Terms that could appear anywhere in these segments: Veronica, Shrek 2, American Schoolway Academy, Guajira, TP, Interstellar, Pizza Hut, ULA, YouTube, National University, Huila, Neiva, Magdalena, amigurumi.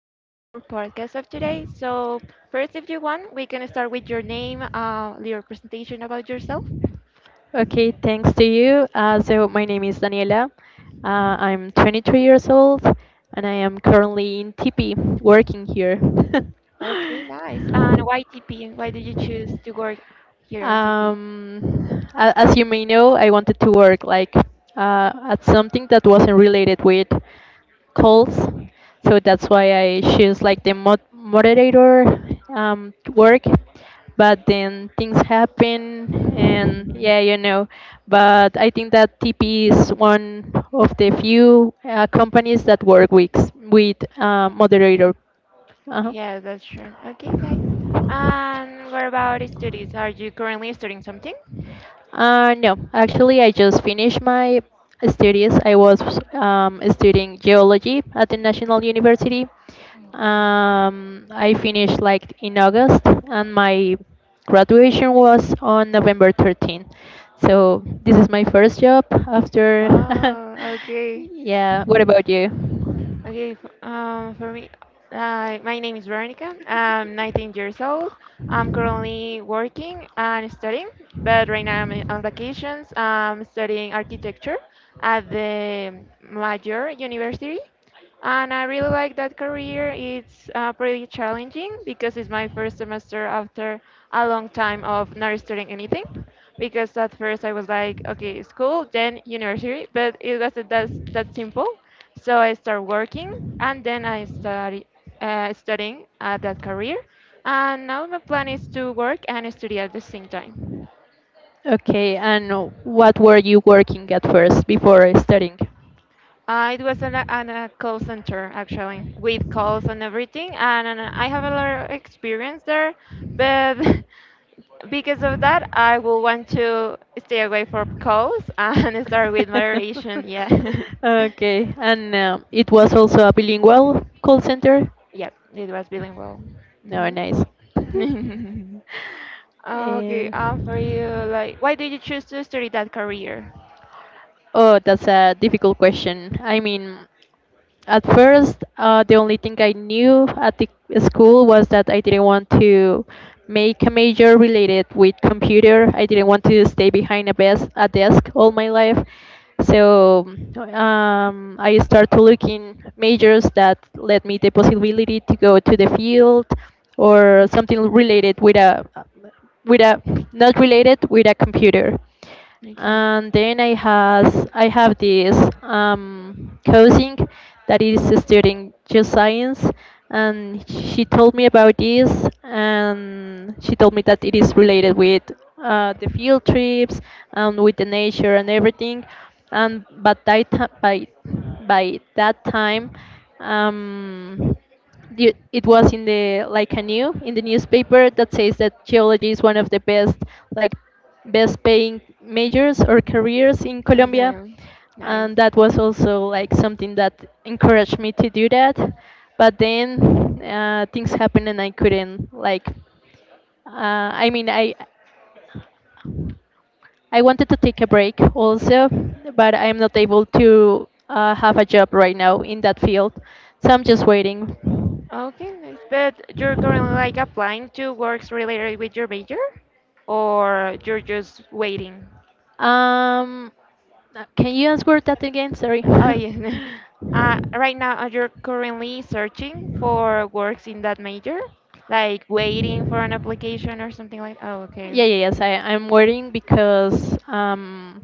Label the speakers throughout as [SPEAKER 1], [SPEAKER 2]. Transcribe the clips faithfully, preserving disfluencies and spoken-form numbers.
[SPEAKER 1] in our podcast of today. So, first, if you want, we can start with your name, uh, your presentation about yourself.
[SPEAKER 2] Okay, thanks to you. Uh, so my name is Daniela. Uh, I'm twenty-three years old, and I am currently in T P working here.
[SPEAKER 1] Okay, nice. And why T P? Why did you choose to work here on T P?
[SPEAKER 2] Um, a- as you may know, I wanted to work like uh, at something that wasn't related with calls, so that's why I choose like the mod- moderator um, work. But then things happen, and yeah, you know. But I think that T P is one of the few uh, companies that work with with uh, moderator. Uh-huh.
[SPEAKER 1] Yeah, that's true. Okay, nice. And what about studies? Are you currently studying something?
[SPEAKER 2] Uh, no, actually, I just finished my studies. I was um, studying geology at the National University. Um, I finished like in August, and my graduation was on November thirteenth. So this is my first job after.
[SPEAKER 1] Oh, okay.
[SPEAKER 2] Yeah. What about you?
[SPEAKER 1] Okay, f- um, for me, uh, my name is Veronica. I'm nineteen years old. I'm currently working and studying, but right now I'm on vacations. I'm studying architecture at the major university. And I really like that career. It's uh, pretty challenging because it's my first semester after a long time of not studying anything. Because at first I was like, okay, school, then university, but it wasn't that, that simple. So I start working and then I study uh, studying at that career. And now my plan is to work and study at the same time.
[SPEAKER 2] Okay, and what were you working at first before studying?
[SPEAKER 1] Uh, it was an, a- an, a call center actually, with calls and everything, and, and I have a lot of experience there. But because of that, I will want to stay away from calls and start with moderation. Yeah,
[SPEAKER 2] Okay, and um, it was also a bilingual call center.
[SPEAKER 1] yep, it was bilingual.
[SPEAKER 2] No, nice.
[SPEAKER 1] Mm-hmm. okay,
[SPEAKER 2] Eh,
[SPEAKER 1] uh, for you, like, why did you choose to study that career?
[SPEAKER 2] oh, that's a difficult question. I mean, at first, uh, the only thing I knew at the school was that I didn't want to make a major related with computer. I didn't want to stay behind a, bes- a desk all my life. So um, I started to look in majors that let me the possibility to go to the field or something related with a with a not related with a computer,
[SPEAKER 1] Okay,
[SPEAKER 2] and then I has I have this um, cousin that is studying geoscience, and she told me about this, and she told me that it is related with uh, the field trips and with the nature and everything, and but that ti- by by that time. Um, the- it was in the like a new in the newspaper that says that geology is one of the best like best paying majors or careers in Colombia.
[SPEAKER 1] okay, nice.
[SPEAKER 2] And that was also like something that encouraged me to do that. But then uh, things happened and I couldn't like, uh, I mean, I, I wanted to take a break also, but I'm not able to uh, have a job right now in that field. So I'm just waiting.
[SPEAKER 1] Okay, nice. But you're currently like applying to works related with your major, or you're just waiting?
[SPEAKER 2] Um, uh, can you answer that again? Sorry.
[SPEAKER 1] Oh yeah. Uh, right now, are you currently searching for works in that major? Like waiting for an application or something like? Oh,
[SPEAKER 2] Yeah,
[SPEAKER 1] okay.
[SPEAKER 2] yeah, yes, I, I'm worrying because um,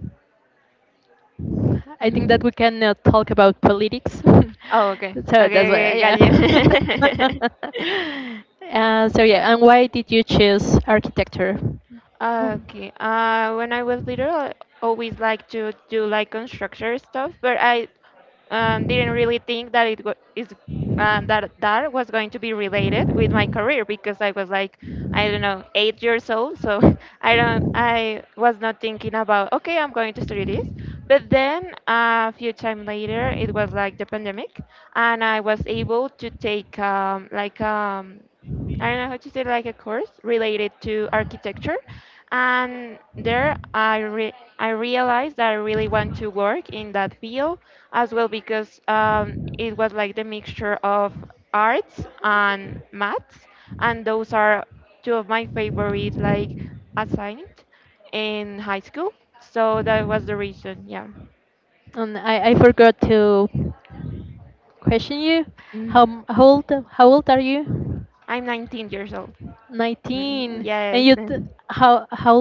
[SPEAKER 2] I think that
[SPEAKER 1] Mhm.
[SPEAKER 2] we cannot talk about politics.
[SPEAKER 1] Oh, okay.
[SPEAKER 2] So
[SPEAKER 1] Okay,
[SPEAKER 2] that's
[SPEAKER 1] okay,
[SPEAKER 2] why,
[SPEAKER 1] okay, got
[SPEAKER 2] yeah.
[SPEAKER 1] you.
[SPEAKER 2] Uh, so yeah, and why did you choose architecture?
[SPEAKER 1] Okay. Uh, when I was little, I always liked to do like construction stuff, but I um, didn't really think that it was is um, that that was going to be related with my career because I was like I don't know eight years old, so I don't I was not thinking about okay I'm going to study this. But then uh, a few time later, it was like the pandemic, and I was able to take um, like um, I don't know how to say like a course related to architecture, and there I re I realized that I really want to work in that field as well because um, it was like the mixture of arts and maths, and those are two of my favorite like assignments in high school. So that was the reason. Yeah.
[SPEAKER 2] And I, I forgot to question you
[SPEAKER 1] Mm.
[SPEAKER 2] how m- how old how old are you?
[SPEAKER 1] I'm nineteen years old.
[SPEAKER 2] nineteen,
[SPEAKER 1] Mm,
[SPEAKER 2] and
[SPEAKER 1] yes.
[SPEAKER 2] you t- how how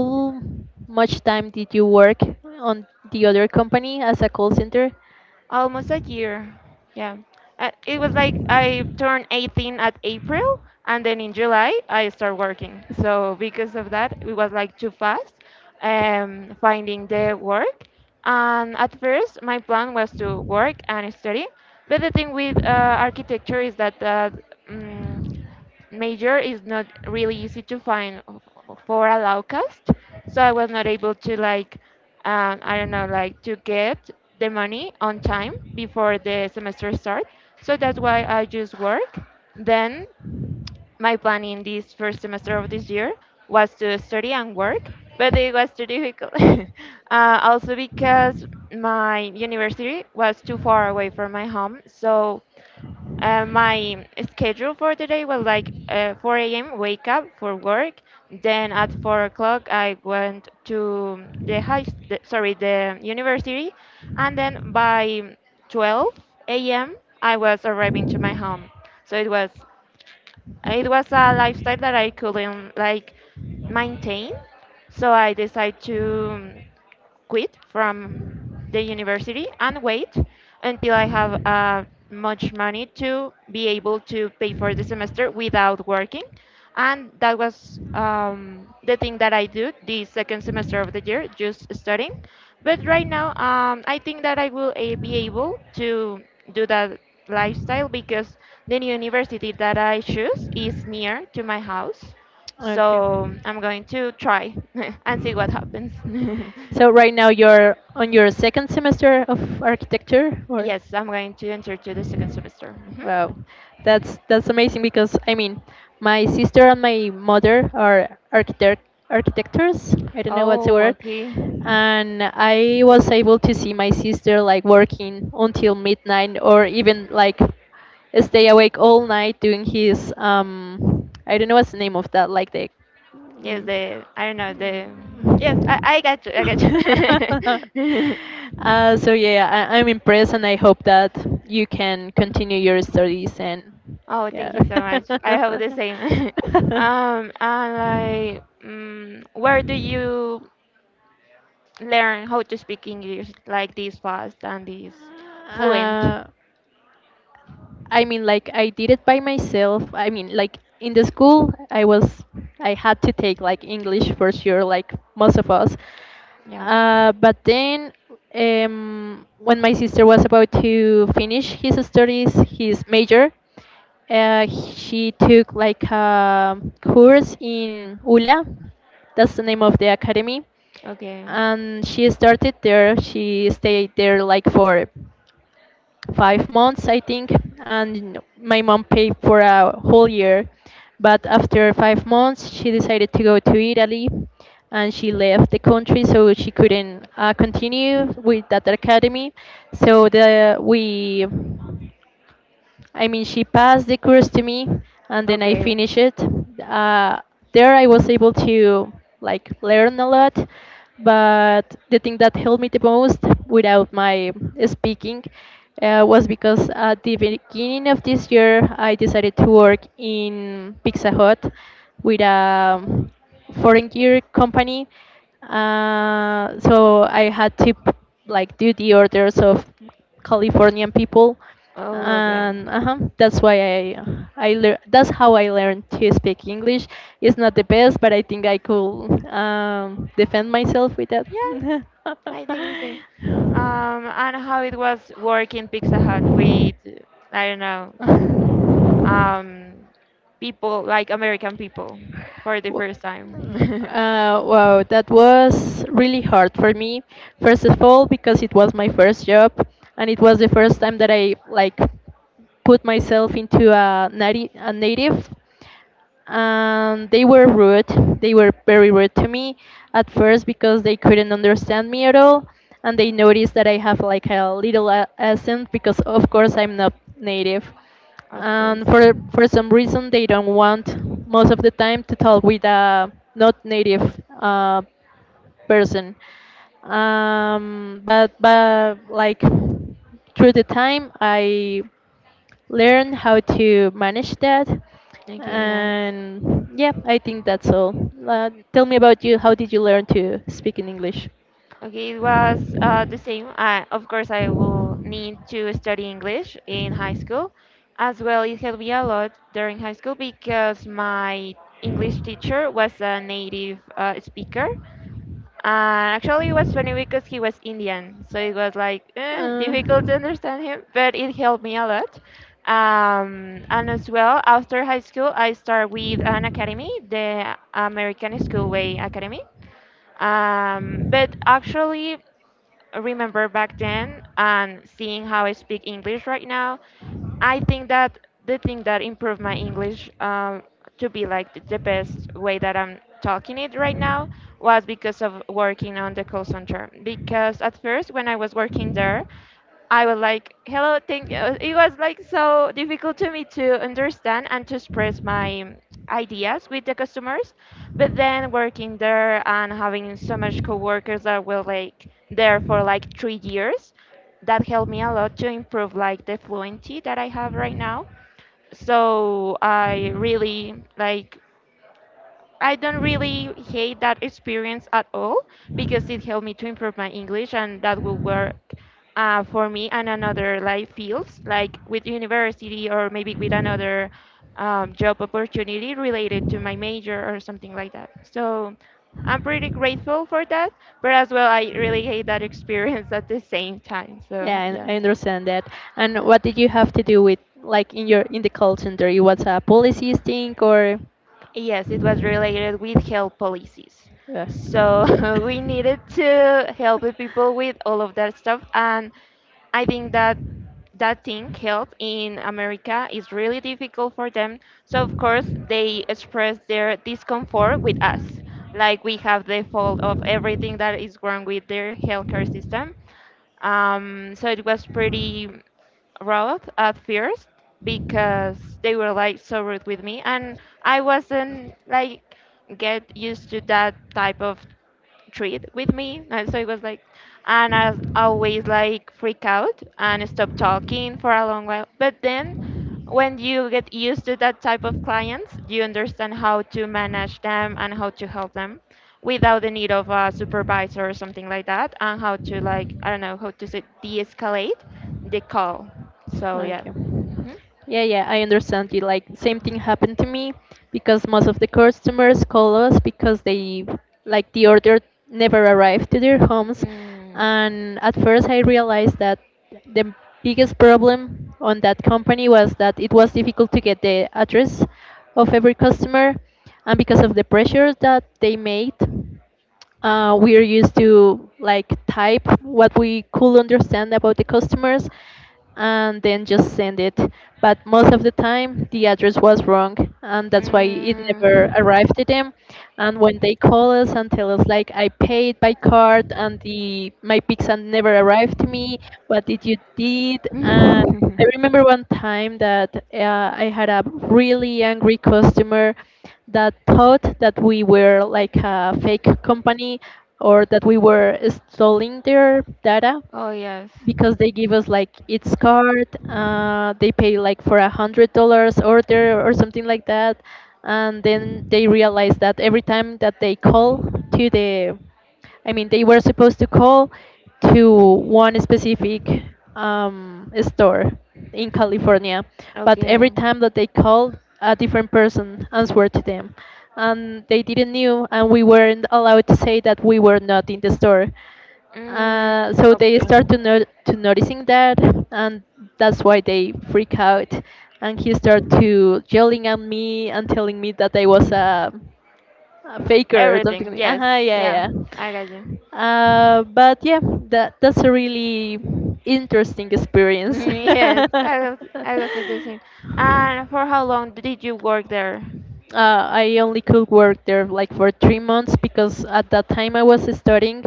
[SPEAKER 2] much time did you work on the other company as a call center?
[SPEAKER 1] almost a year. Yeah. Uh, it was like I turned eighteen at April, and then in July I started working. So because of that, it was like too fast um, finding the work. And at first, my plan was to work and study. But the thing with uh, architecture is that uh, mm, major is not really easy to find for a low cost. So I was not able to like, um, I don't know, like to get the money on time before the semester start. So that's why I just work. Then my plan in this first semester of this year was to study and work, but it was too difficult. uh, also because my university was too far away from my home, so uh, my schedule for the day was like uh, four a m wake up for work. Then at four o'clock I went to the high, s- the, sorry, the university, and then by twelve a m. I was arriving to my home. So it was it was a lifestyle that I couldn't like maintain. So I decided to um, quit from the university and wait until I have uh, much money to be able to pay for the semester without working. And that was um, the thing that I do the second semester of the year, just studying. But right now, um, I think that I will a- be able to do that lifestyle because the new university that I choose is near to my house.
[SPEAKER 2] Okay,
[SPEAKER 1] So I'm going to try and see what happens.
[SPEAKER 2] so right now you're on your second semester of architecture or...
[SPEAKER 1] Yes, I'm going to enter to the second semester. Hmm.
[SPEAKER 2] Wow, that's that's amazing because I mean, my sister and my mother are architect architectures. I don't know what's the
[SPEAKER 1] Oh,
[SPEAKER 2] word,
[SPEAKER 1] okay.
[SPEAKER 2] and I was able to see my sister like working until midnight or even like stay awake all night doing his um I don't know what's the name of that like the
[SPEAKER 1] Yes,
[SPEAKER 2] mm,
[SPEAKER 1] the I don't know the. Yes, I, I got you. I got you.
[SPEAKER 2] uh, so yeah, I, I'm impressed, and I hope that you can continue your studies and
[SPEAKER 1] oh,
[SPEAKER 2] yeah.
[SPEAKER 1] thank you so much. I hope the same. um, and like, mm where do you learn how to speak English like this fast and this fluent?
[SPEAKER 2] uh, I mean, like I did it by myself. I mean, like in the school, I was I had to take like English for sure, like most of us.
[SPEAKER 1] Yeah.
[SPEAKER 2] Uh, but then, um, when my sister was about to finish his studies, his major, uh, she took like a course in U L A, that's the name of the academy,
[SPEAKER 1] Okay.
[SPEAKER 2] and she started there. She stayed there like for five months, I think, and my mom paid for a whole year. But after five months, she decided to go to Italy, and she left the country, so she couldn't uh, continue with that academy. So the we I mean, she passed the course to me, and then I
[SPEAKER 1] Okay.
[SPEAKER 2] finished it. Uh, there, I was able to like learn a lot, but the thing that helped me the most without my speaking uh, was because at the beginning of this year, I decided to work in Pizza Hut with a foreign gear company. Uh, so I had to p- like do the orders of Californian people,
[SPEAKER 1] Oh, okay.
[SPEAKER 2] and uh-huh, that's why I I lear- that's how I learned to speak English. It's not the best, but I think I could um, defend myself with that.
[SPEAKER 1] Yeah, I think the same. Um, and how it was working Pizza Hut with, I don't know, um, people like American people for the
[SPEAKER 2] W-
[SPEAKER 1] first time.
[SPEAKER 2] Uh, wow, that was really hard for me. First of all, because it was my first job, and it was the first time that I like put myself into a, nati- a native, and they were rude. They were very rude to me at first because they couldn't understand me at all, and they noticed that I have like a little a- accent because of course I'm not native,
[SPEAKER 1] of
[SPEAKER 2] and
[SPEAKER 1] course.
[SPEAKER 2] for for some reason they don't want most of the time to talk with a not native uh, person. Um, but but like through the time I learn how to manage that.
[SPEAKER 1] Okay, nice.
[SPEAKER 2] And yeah, I think that's all. Uh, tell me about you. How did you learn to speak in English?
[SPEAKER 1] Okay, it was uh, the same. Uh, of course, I will need to study English in high school. As well, it helped me a lot during high school because my English teacher was a native uh, speaker. Uh, actually, it was funny because he was Indian, so it was like eh,
[SPEAKER 2] Uh,
[SPEAKER 1] difficult to understand him, but it helped me a lot. Um, and as well, after high school, I started with an academy, the American Schoolway Academy. Um, but actually, remember back then and seeing how I speak English right now, I think that the thing that improved my English um, to be like th- the best way that I'm talking it right now was because of working on the call center. Because at first, when I was working there, I was like, hello, thank you. It was like so difficult to me to understand and to express my ideas with the customers. But then working there and having so much coworkers that were like there for like three years, that helped me a lot to improve like the fluency that I have right now. So I really like I don't really hate that experience at all because it helped me to improve my English and that will work uh, for me and another like fields like with university or maybe with another um, job opportunity related to my major or something like that. So I'm pretty grateful for that, but as well I really hate that experience at the same time. So
[SPEAKER 2] yeah,
[SPEAKER 1] yeah.
[SPEAKER 2] I, I understand that. And what did you have to do with, like, in your in the call center? It was a policies thing or?
[SPEAKER 1] Yes, it was related with health policies.
[SPEAKER 2] Yeah.
[SPEAKER 1] So we needed to help the people with all of that stuff. And I think that that thing, health in America, is really difficult for them. So, of course, they express their discomfort with us. Like we have the fault of everything that is wrong with their healthcare system. Um, so it was pretty Road at first because they were like so rude with me and I wasn't like get used to that type of treat with me. And so it was like, and I was always like freak out and stop talking for a long while. But then when you get used to that type of clients, you understand how to manage them and how to help them without the need of a supervisor or something like that and how to like, I don't know, how to say de-escalate the call. So yeah.
[SPEAKER 2] Okay.
[SPEAKER 1] Hmm.
[SPEAKER 2] Yeah, yeah, I understand you. Like, same thing happened to me because most of the customers call us because they, like, the order never arrived to their homes.
[SPEAKER 1] Mm.
[SPEAKER 2] And at first, I realized that the biggest problem on that company was that it was difficult to get the address of every customer. And because of the pressure that they made, uh, we're used to like type what we could understand about the customers and then just send it. But most of the time, the address was wrong, and that's why it never
[SPEAKER 1] Mm.
[SPEAKER 2] arrived to them. And when they call us and tell us like, "I paid by card, and the my pizza never arrived to me. What did you did?" Uh, I remember one time that uh, I had a really angry customer that thought that we were like a fake company or that we were stealing their data
[SPEAKER 1] oh yes.
[SPEAKER 2] because they give us like its card, uh, they pay like for a hundred dollars order or something like that, and then they realize that every time that they call to the i mean they were supposed to call to one specific um, store in California, but every
[SPEAKER 1] Okay.
[SPEAKER 2] time that they called a different person answered to them, and they didn't knew, and we weren't allowed to say that we were not in the store.
[SPEAKER 1] Mm.
[SPEAKER 2] Uh, so they start
[SPEAKER 1] Okay.
[SPEAKER 2] to, no- to noticing that, and that's why they freak out, and he start to yelling at me and telling me that I was a, a faker or something
[SPEAKER 1] Everything,
[SPEAKER 2] like
[SPEAKER 1] yes,
[SPEAKER 2] uh-huh,
[SPEAKER 1] yeah,
[SPEAKER 2] yeah, yeah.
[SPEAKER 1] I got you.
[SPEAKER 2] Uh, but yeah, that that's a really interesting experience.
[SPEAKER 1] yes, I
[SPEAKER 2] uh,
[SPEAKER 1] was, I was suggesting. And for how long did you work there?
[SPEAKER 2] I only could work there like for three months because at that time I was studying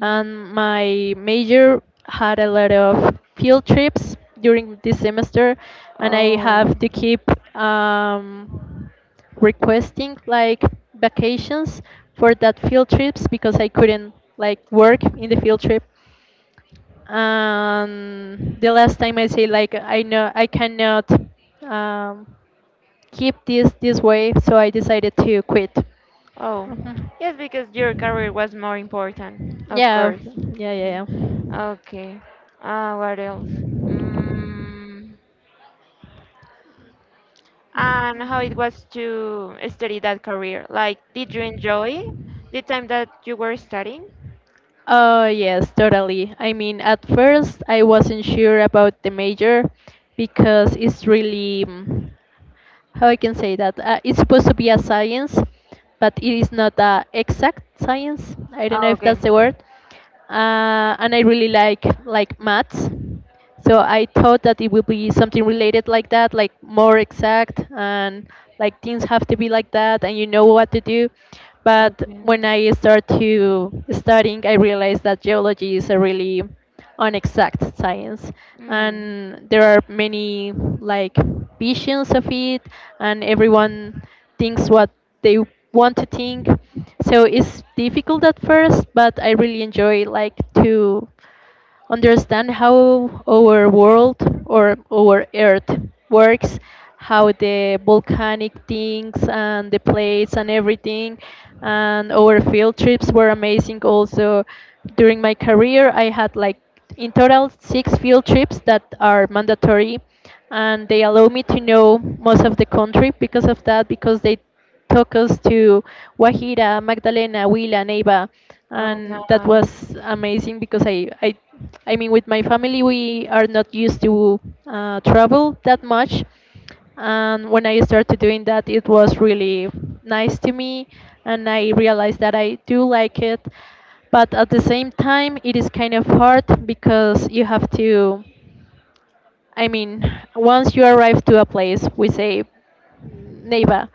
[SPEAKER 2] and my major had a lot of field trips during this semester, and I
[SPEAKER 1] Oh,
[SPEAKER 2] have to keep um, requesting like vacations for that field trips because I couldn't like work in the field trip. Um the last time I say like I know I cannot um keep this this way, so I decided to quit.
[SPEAKER 1] oh,
[SPEAKER 2] Mhm.
[SPEAKER 1] yes, because your career was more important, of
[SPEAKER 2] Yeah,
[SPEAKER 1] course.
[SPEAKER 2] yeah,
[SPEAKER 1] Mm.
[SPEAKER 2] yeah, yeah.
[SPEAKER 1] Okay. Uh, what else? Mm, and how it was to study that career? Like, did you enjoy the time that you were studying?
[SPEAKER 2] Oh, yes, totally. I mean, at first I wasn't sure about the major because it's really mm, how I can say that, uh, it's supposed to be a science, but it is not a exact science. I don't know
[SPEAKER 1] Oh,
[SPEAKER 2] if
[SPEAKER 1] okay.
[SPEAKER 2] that's the word. Uh, and I really like like maths, so I thought that it would be something related like that, like more exact and like things have to be like that, and you know what to do. But when
[SPEAKER 1] Okay.
[SPEAKER 2] I start to studying, I realized that geology is a really on exact science,
[SPEAKER 1] Mm.
[SPEAKER 2] and there are many like visions of it, and everyone thinks what they want to think, so it's difficult at first, but I really enjoy like to understand how our world or our earth works, how the volcanic things and the plates and everything. And our field trips were amazing also. During my career, I had like in total six field trips that are mandatory, and they allow me to know most of the country because of that because they took us to Guajira, Magdalena, Huila, Neiva,
[SPEAKER 1] Oh,
[SPEAKER 2] and that
[SPEAKER 1] nice.
[SPEAKER 2] was amazing because I, I I mean, with my family, we are not used to uh, travel that much. And when I started doing that, it was really nice to me. And I realized that I do like it. But at the same time, it is kind of hard because you have to I mean, once you arrive to a place, we say neighbor.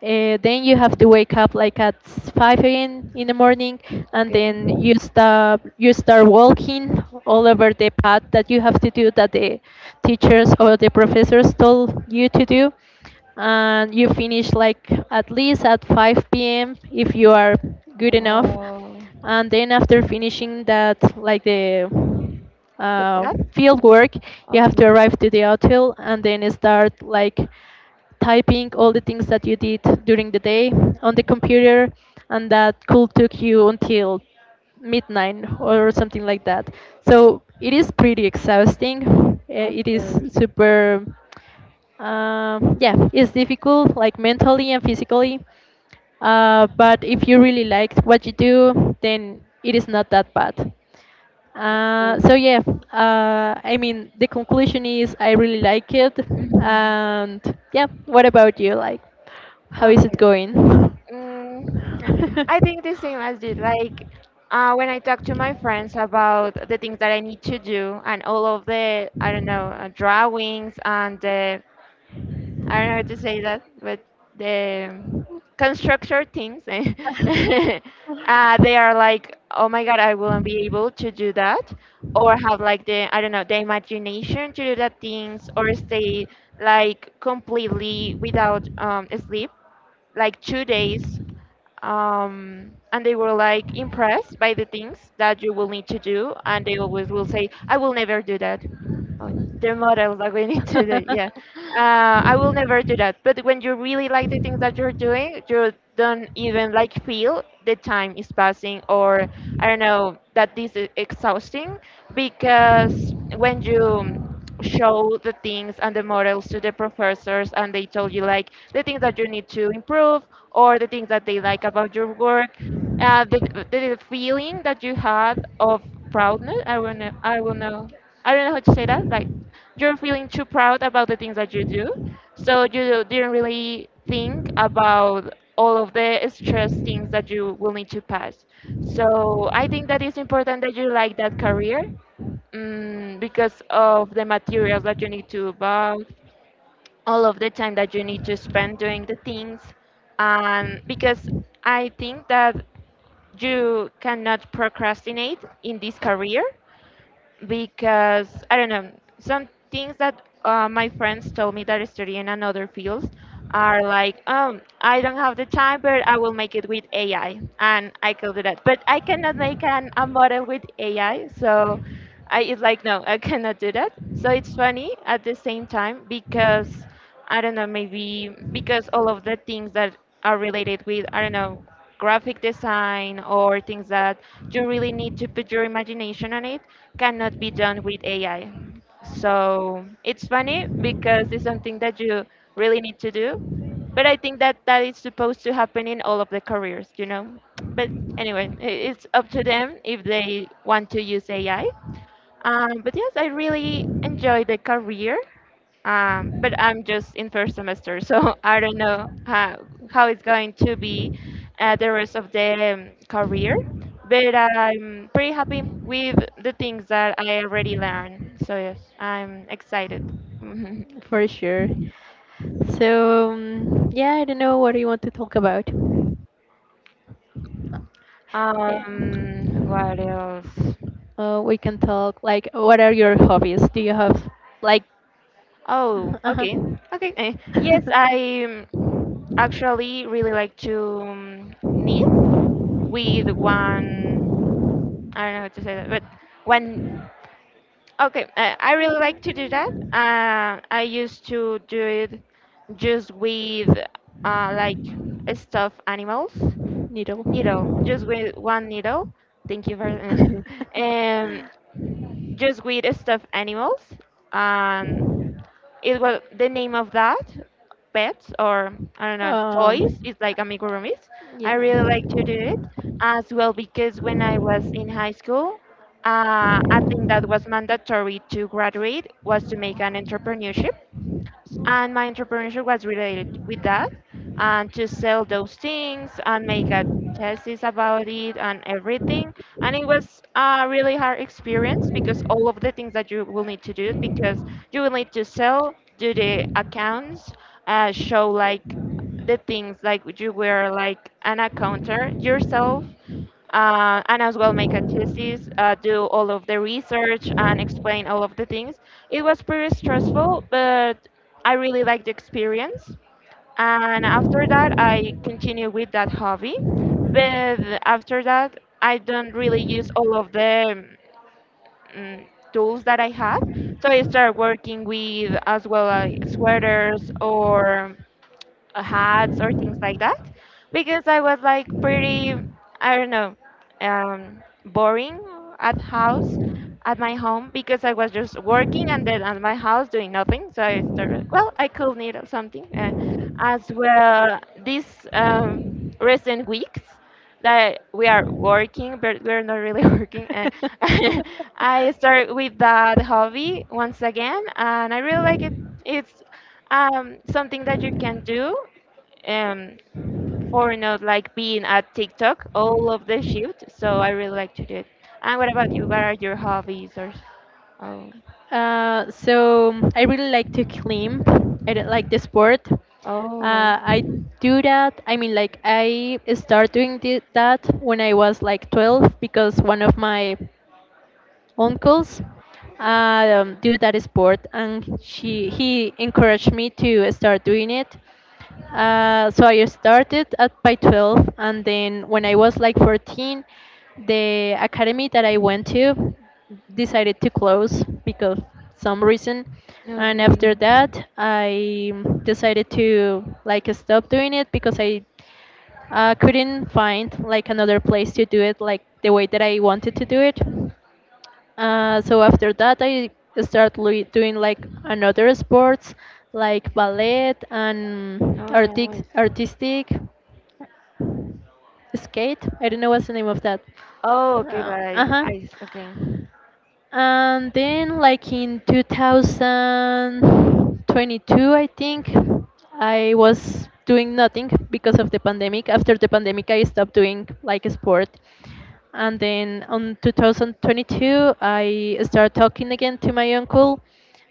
[SPEAKER 2] Uh, then you have to wake up like at five a m in the morning, and then
[SPEAKER 1] Okay.
[SPEAKER 2] you start you start walking all over the path that you have to do that the teachers or the professors told you to do, and you finish like at least at five p m if you are good enough,
[SPEAKER 1] Wow.
[SPEAKER 2] and then after finishing that, like the
[SPEAKER 1] The
[SPEAKER 2] uh,
[SPEAKER 1] path?
[SPEAKER 2] field work, you have to
[SPEAKER 1] Okay.
[SPEAKER 2] arrive to the hotel and then start like typing all the things that you did during the day on the computer, and that could took you until midnight or something like that. So it is pretty exhausting. Uh,
[SPEAKER 1] Of
[SPEAKER 2] it is
[SPEAKER 1] course.
[SPEAKER 2] super um, yeah, it's difficult like mentally and physically, uh, but if you really like what you do, then it is not that bad. Uh, so
[SPEAKER 1] Okay.
[SPEAKER 2] yeah, uh, I mean the conclusion is I really like it,
[SPEAKER 1] Mhm.
[SPEAKER 2] and yeah. What about you? Like, how is it
[SPEAKER 1] Okay.
[SPEAKER 2] going?
[SPEAKER 1] Mm, I think the same as you. Like, uh, when I talk to my friends about the things that I need to do and all of the, I don't know, uh, drawings and the I don't know how to say that, but the constructor things, eh, uh, they are like, oh my god, I won't be able to do that, or have like the, I don't know, the imagination to do that things, or stay like completely without um, sleep, like two days. Um, and they were like impressed by the things that you will need to do, and they always will say, I will never do that. Oh, the model that we need to do, yeah. Uh, I will never do that. But when you really like the things that you're doing, you don't even like feel the time is passing, or I don't know that this is exhausting because when you show the things and the models to the professors and they told you like the things that you need to improve or the things that they like about your work uh, the, the feeling that you had of proudness i will know i will know I don't know how to say that like you're feeling too proud about the things that you do. So you didn't really think
[SPEAKER 2] So I
[SPEAKER 1] about all of the
[SPEAKER 2] think I
[SPEAKER 1] stress
[SPEAKER 2] need
[SPEAKER 1] things
[SPEAKER 2] to
[SPEAKER 1] that you will need
[SPEAKER 2] focus
[SPEAKER 1] to pass.
[SPEAKER 2] on
[SPEAKER 1] So I think that it's important that you like that
[SPEAKER 2] writing
[SPEAKER 1] career mm, because of the
[SPEAKER 2] my career,
[SPEAKER 1] materials that you
[SPEAKER 2] because
[SPEAKER 1] need to
[SPEAKER 2] of my
[SPEAKER 1] buy, all of the time that
[SPEAKER 2] career.
[SPEAKER 1] you
[SPEAKER 2] Um, because
[SPEAKER 1] need to
[SPEAKER 2] I think that I do something that I'm
[SPEAKER 1] spend
[SPEAKER 2] really
[SPEAKER 1] doing the
[SPEAKER 2] good
[SPEAKER 1] things. And
[SPEAKER 2] at. Because I
[SPEAKER 1] because
[SPEAKER 2] don't
[SPEAKER 1] I
[SPEAKER 2] know,
[SPEAKER 1] think that you cannot
[SPEAKER 2] I
[SPEAKER 1] procrastinate in this
[SPEAKER 2] think that my
[SPEAKER 1] career because I don't know some things
[SPEAKER 2] friends
[SPEAKER 1] that uh, my
[SPEAKER 2] told
[SPEAKER 1] friends
[SPEAKER 2] me
[SPEAKER 1] told me that study in another fields
[SPEAKER 2] that I.
[SPEAKER 1] are like um I don't have the time but I will make it with A I and I could do that but I cannot make an, a model with A I so I it's like no I cannot do that so it's funny at the same time because I don't know maybe because all of the things that are related with I don't know graphic design or things that you really need to put your imagination on it cannot be done with A I. So it's funny because it's something that you really need to do, but I think that that is supposed to happen in all of the careers, you know. But anyway, i- it's up to them if they want to use A I. Um, but yes, I really enjoy the career. Um, but I'm just in first semester, so I don't know how, how it's going to be uh, the rest of the um, career. But I'm pretty happy with the things that I already learned. So yes, I'm excited.
[SPEAKER 2] For sure. So, um, yeah, I don't know what do you want to talk about. Eh,
[SPEAKER 1] Um, what else?
[SPEAKER 2] Uh, we can talk like, what are your hobbies? Do you have like
[SPEAKER 1] Oh,
[SPEAKER 2] uh-huh.
[SPEAKER 1] okay, okay. eh, Yes, I um, actually really like to um, knit with one. I don't know how to say that, but when okay, I, I really like to do that. Uh, I used to do it just with uh, like stuffed animals,
[SPEAKER 2] Needle.
[SPEAKER 1] needle, just with one needle. Thank you for um, just with stuffed animals, um, it was the name of that pets or I don't know toys.
[SPEAKER 2] um,
[SPEAKER 1] It's like amigurumis. I
[SPEAKER 2] yeah.
[SPEAKER 1] really like to do it as well because when I was in high school, uh, I think that was mandatory to graduate was to make an entrepreneurship and my entrepreneurship was related with that and to sell those things and make a thesis about it and everything and it was a really hard experience because all of the things that you will need to do because you will need to sell do the accounts uh, show like the things like you were like an accountant yourself uh, and as well make a thesis, uh, do all of the research and explain all of the things. It was pretty stressful, but I really liked the experience. And after that, I continue with that hobby. But after that, I don't really use all of the mm, tools that I have. So I start working with as well like sweaters or uh, hats or things like that because I was like pretty, I don't know, um, boring at house, at my home because I was just working and then at my house doing nothing. So I started like, well, I could need something. Uh, as well, these um, recent weeks that we are working, but we're not really working. Uh, I start with that hobby once again, and I really like it. It's um, something that you can do um, for not like being at TikTok all of the shift. So I really like to do it. And what about you? What are your hobbies or? s- Oh,
[SPEAKER 2] Uh, so I really like to climb. I don't like the sport.
[SPEAKER 1] oh, nice.
[SPEAKER 2] Uh, I do that. I mean, like I start doing thi- that when I was like twelve, because one of my uncles uh, um, do that sport, and she he encouraged me to start doing it. Uh, so I started at by twelve, and then when I was like fourteen, the academy that I went to decided to close because some reason. And after
[SPEAKER 1] Okay.
[SPEAKER 2] that, I decided to like stop doing it because I uh, couldn't find like another place to do it like the way that I wanted to do it. Uh, so after that, I start lui- doing like another sports, like ballet and
[SPEAKER 1] Oh,
[SPEAKER 2] artic-
[SPEAKER 1] nice.
[SPEAKER 2] artistic skate. I don't know what's the name of that.
[SPEAKER 1] Oh, okay,
[SPEAKER 2] Uh
[SPEAKER 1] like
[SPEAKER 2] huh.
[SPEAKER 1] ice. Okay.
[SPEAKER 2] And then, like in two thousand twenty-two, I think I was doing nothing because of the pandemic. After the pandemic, I stopped doing like sport, and then on twenty twenty-two I started talking again to my uncle,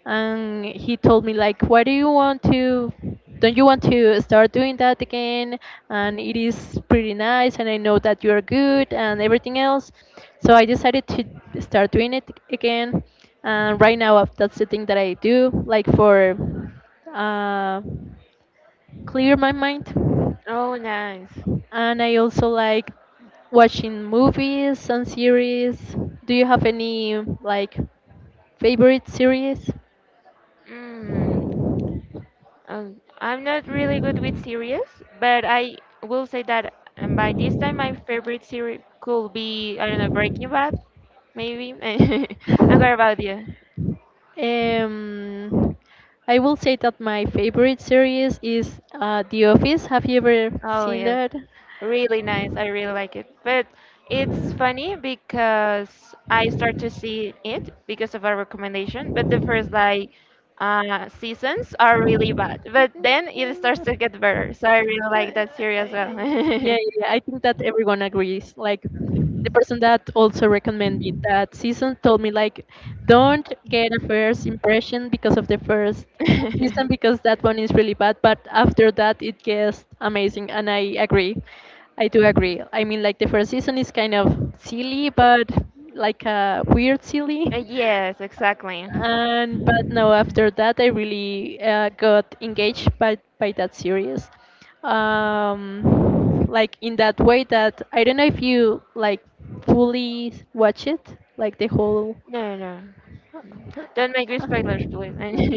[SPEAKER 2] and he told me like, why do you want to, don't you want to start doing that again, and it is pretty nice and I know that you're good and everything else. So I decided to start doing it again, and right now, uh, that's the thing that I do like for uh, clear my mind.
[SPEAKER 1] Oh, nice.
[SPEAKER 2] And I also like watching movies and series. Do you have any like favorite series?
[SPEAKER 1] Mm. Um, I'm not really good with series, but I will say that um, by this time my favorite series could be I don't know Breaking Bad, maybe. And what about you?
[SPEAKER 2] Um, I will say that my favorite series is uh, The Office. Have you ever
[SPEAKER 1] Oh
[SPEAKER 2] seen
[SPEAKER 1] yes.
[SPEAKER 2] that?
[SPEAKER 1] Really nice. I really like it. But it's funny because I start to see it because of a recommendation, but the first like uh, seasons are really bad. But then it starts to get better. So I really
[SPEAKER 2] Uh,
[SPEAKER 1] like that series as
[SPEAKER 2] yeah, yeah,
[SPEAKER 1] well.
[SPEAKER 2] yeah. I think that everyone agrees. Like the person that also recommended me that season told me like, don't get a first impression because of the first season, because that one is really bad, but after that it gets amazing. And I agree, I do agree. I mean, like the first season is kind of silly, but like a weird silly.
[SPEAKER 1] Yes, exactly.
[SPEAKER 2] And but no after that I really uh, got engaged by by that series, um like in that way that, I don't know if you like fully watch it like the whole.
[SPEAKER 1] No, no. Don't make me spoilers,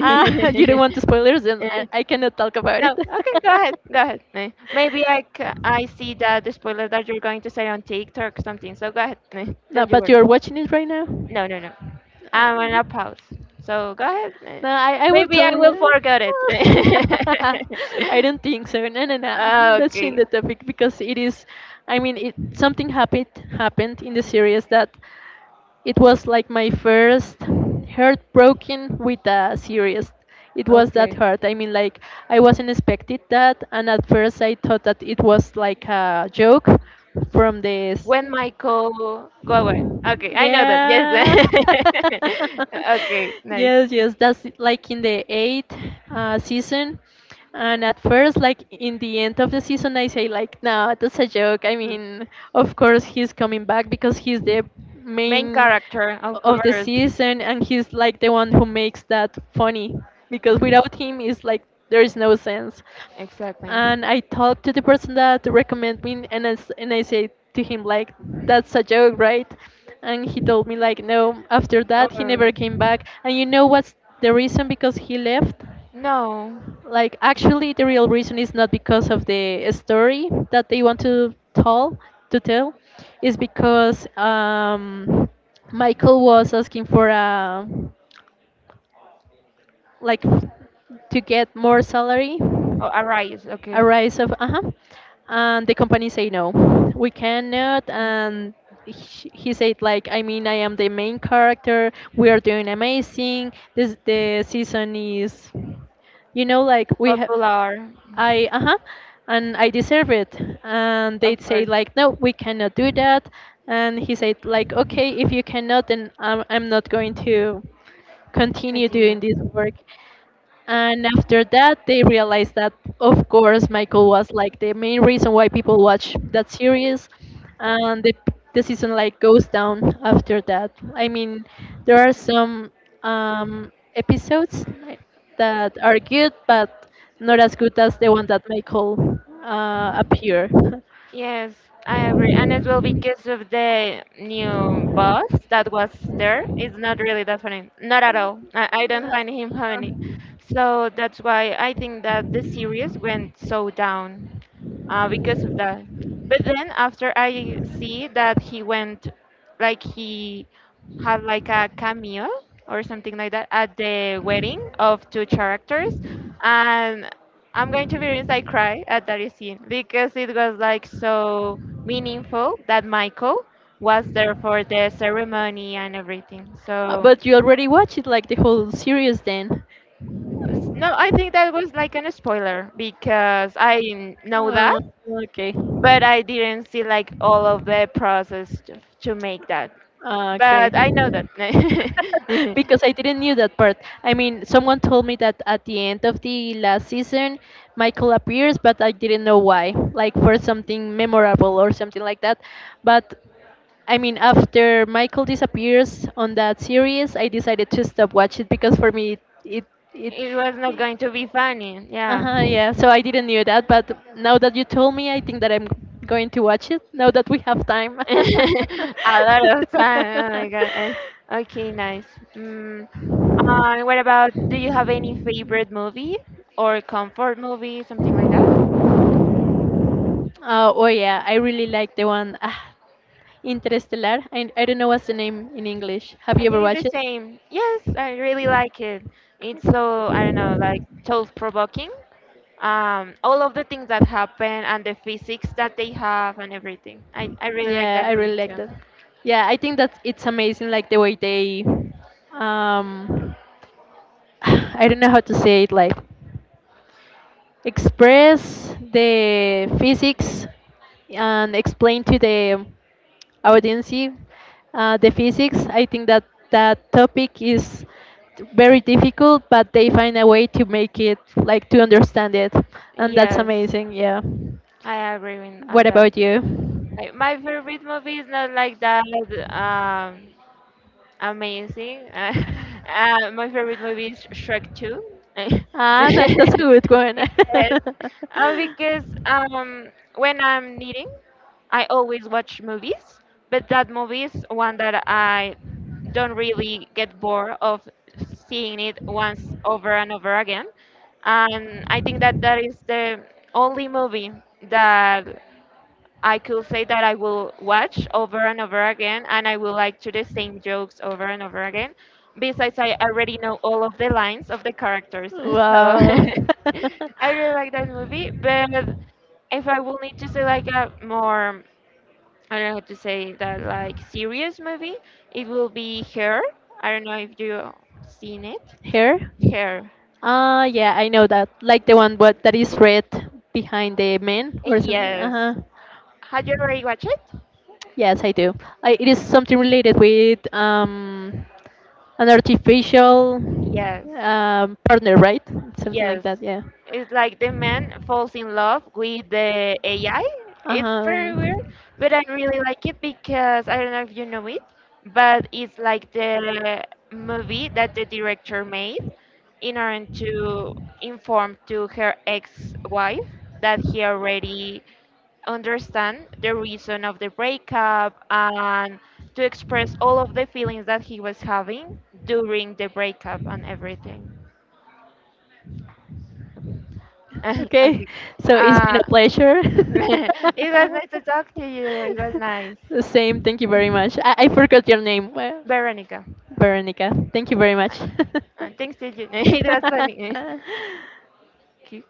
[SPEAKER 2] Ah, you don't want spoilers, and I, I cannot talk about it.
[SPEAKER 1] No, okay, go ahead, go ahead. Eh, Maybe I, c- I see that the spoiler that you're going to say on TikTok or something. So go ahead. eh,
[SPEAKER 2] No,
[SPEAKER 1] Don't you
[SPEAKER 2] but
[SPEAKER 1] worry.
[SPEAKER 2] you're watching it right now.
[SPEAKER 1] No, no, no. I'm on
[SPEAKER 2] No,
[SPEAKER 1] a pause. So go ahead. eh,
[SPEAKER 2] no, I, I won't
[SPEAKER 1] Maybe I
[SPEAKER 2] tell
[SPEAKER 1] will
[SPEAKER 2] you.
[SPEAKER 1] forget it.
[SPEAKER 2] I don't think so. No, no, no. Let's change
[SPEAKER 1] okay,
[SPEAKER 2] the topic because it is. I mean, it something happened happened in the series that it was like my first heartbroken with a series. It was that
[SPEAKER 1] okay.
[SPEAKER 2] hard. I mean, like I wasn't expected that, and at first I thought that it was like a joke from this.
[SPEAKER 1] When Michael go away. Okay, I know that. Yes.
[SPEAKER 2] Yeah.
[SPEAKER 1] okay, nice.
[SPEAKER 2] Yes, yes. That's it, like in the eighth uh, season. And at first, like in the end of the season, I say like, no, that's a joke. I
[SPEAKER 1] Mm.
[SPEAKER 2] mean, of course he's coming back because he's the
[SPEAKER 1] Main
[SPEAKER 2] main
[SPEAKER 1] character, of
[SPEAKER 2] of the
[SPEAKER 1] course.
[SPEAKER 2] season, and he's like the one who makes that funny. Because
[SPEAKER 1] Mm,
[SPEAKER 2] without him, it's like there is no sense.
[SPEAKER 1] exactly.
[SPEAKER 2] And I talked to the person that recommended me, and I, s- and I said to him like, that's a joke, right? And he told me like, no. After that, he never came
[SPEAKER 1] Um,
[SPEAKER 2] back. And you know what's the reason because he left?
[SPEAKER 1] no.
[SPEAKER 2] Like, actually, the real reason is not because of the story that they want to tell, to tell, is because um, Michael was asking for a like to get more salary,
[SPEAKER 1] Oh, arise.
[SPEAKER 2] a
[SPEAKER 1] Okay.
[SPEAKER 2] rise of uh-huh, and the company say, no, we cannot. And he he said like, I mean, I am the main character, we are doing amazing, this the season is, you know, like we have
[SPEAKER 1] Popular.
[SPEAKER 2] I uh-huh, and I deserve it. And they'd
[SPEAKER 1] Of
[SPEAKER 2] say
[SPEAKER 1] course.
[SPEAKER 2] like, no, we cannot do that. And he said like, okay, if you cannot, then I'm, I'm not going to continue
[SPEAKER 1] Continue.
[SPEAKER 2] doing this work. And after that, they realized that, of course, Michael was like the main reason why people watch that series, and the the season like goes down after that. I mean, there are some um, episodes like, that are good, but not as good as the one that Michael uh, appear.
[SPEAKER 1] Yes, I agree. And as well, because of the new boss that was there, it's not really that funny. Not at all. I, I don't find him
[SPEAKER 2] Uh,
[SPEAKER 1] funny. So that's why I think that the series went so down uh, because of that. But then after I see that he went, like he had like a cameo or something like that at the wedding of two characters, and I'm going to be honest, I cry at that scene because it was like so meaningful that Michael was there for the ceremony and everything.
[SPEAKER 2] Uh,
[SPEAKER 1] So,
[SPEAKER 2] But you already watched it like the whole series then.
[SPEAKER 1] s- no, I think that was like an spoiler because I n- know that,
[SPEAKER 2] Uh, okay.
[SPEAKER 1] but I didn't see like all of the process to, to make that.
[SPEAKER 2] Ah, okay.
[SPEAKER 1] But I know that.
[SPEAKER 2] Because I didn't knew that part. I mean, someone told me that at the end of the last season, Michael appears, but I didn't know why. Like for something memorable or something like that. But I mean, after Michael disappears on that series, I decided to stop watch it because for me, it it
[SPEAKER 1] It was not
[SPEAKER 2] it
[SPEAKER 1] going to be funny, yeah.
[SPEAKER 2] uh-huh, yeah, so I didn't knew that, but now that you told me, I think that I'm going to watch it now that we have time.
[SPEAKER 1] A lot of time. Oh my god. eh, Okay, nice. Mm, uh, what about, do you have any favorite movie or comfort movie, something like that?
[SPEAKER 2] Uh, oh yeah, I really like the one ah, Interstellar. I, I don't know what's the name in English. Have
[SPEAKER 1] I
[SPEAKER 2] you ever
[SPEAKER 1] think it's
[SPEAKER 2] watched it?
[SPEAKER 1] the same. Yes, I really like it. It's so, I don't know, like thought-provoking. Um, all of the things that happen and the physics that they have and everything. I, I really like
[SPEAKER 2] Yeah,
[SPEAKER 1] that
[SPEAKER 2] I
[SPEAKER 1] movie
[SPEAKER 2] really like
[SPEAKER 1] too.
[SPEAKER 2] that. Yeah, I think that it's amazing, like the way they um, I don't know how to say it, like express the physics and explain to the audience uh, the physics. I think that that topic is very difficult, but they find a way to make it like to understand it, and that's
[SPEAKER 1] Yes,
[SPEAKER 2] amazing. Yeah.
[SPEAKER 1] I agree with, on
[SPEAKER 2] What
[SPEAKER 1] that.
[SPEAKER 2] about you?
[SPEAKER 1] Like, my favorite movie is not like that. Um, Amazing. Uh, uh, my favorite movie is Shrek two. Yes. Uh, because um, when I'm knitting, I always watch movies, but that movie is one that I don't really get bored of seeing it once over and over again. And I think that that is the only movie that I could say that I will watch over and over again and I will like to the same jokes over and over again. Besides, I already know all of the lines of the characters. So
[SPEAKER 2] Wow.
[SPEAKER 1] I really like that movie. But if I will need to say like a more, I don't know how to say that, like serious movie, it will be *Hair*. I don't know if you seen it.
[SPEAKER 2] Here?
[SPEAKER 1] *Hair*.
[SPEAKER 2] Ah, yeah, I know that. Like the one what that is red behind the man or something.
[SPEAKER 1] Yes.
[SPEAKER 2] Uh-huh.
[SPEAKER 1] Had you already watched it?
[SPEAKER 2] Yes, I do. I, it is something related with um an artificial
[SPEAKER 1] Yes.
[SPEAKER 2] um, partner, right? Something like
[SPEAKER 1] Yes,
[SPEAKER 2] that. Yeah.
[SPEAKER 1] it's like the man falls in love with the A I. It's very weird,
[SPEAKER 2] Uh-huh.
[SPEAKER 1] but I really like it because I don't know if you know it, but it's like the movie that the director made in order to inform to her ex-wife that he already understand the reason of the breakup and to express all of the feelings that he was having during the breakup and everything. Okay.
[SPEAKER 2] Okay,
[SPEAKER 1] Okay.
[SPEAKER 2] so it's been
[SPEAKER 1] Uh,
[SPEAKER 2] a pleasure.
[SPEAKER 1] it was nice to talk to you. It was nice.
[SPEAKER 2] The same, thank you very much. I, I forgot your name, well,
[SPEAKER 1] Veronica.
[SPEAKER 2] Veronica. Thank you very much.
[SPEAKER 1] Uh, thanks to you. It was funny. Okay.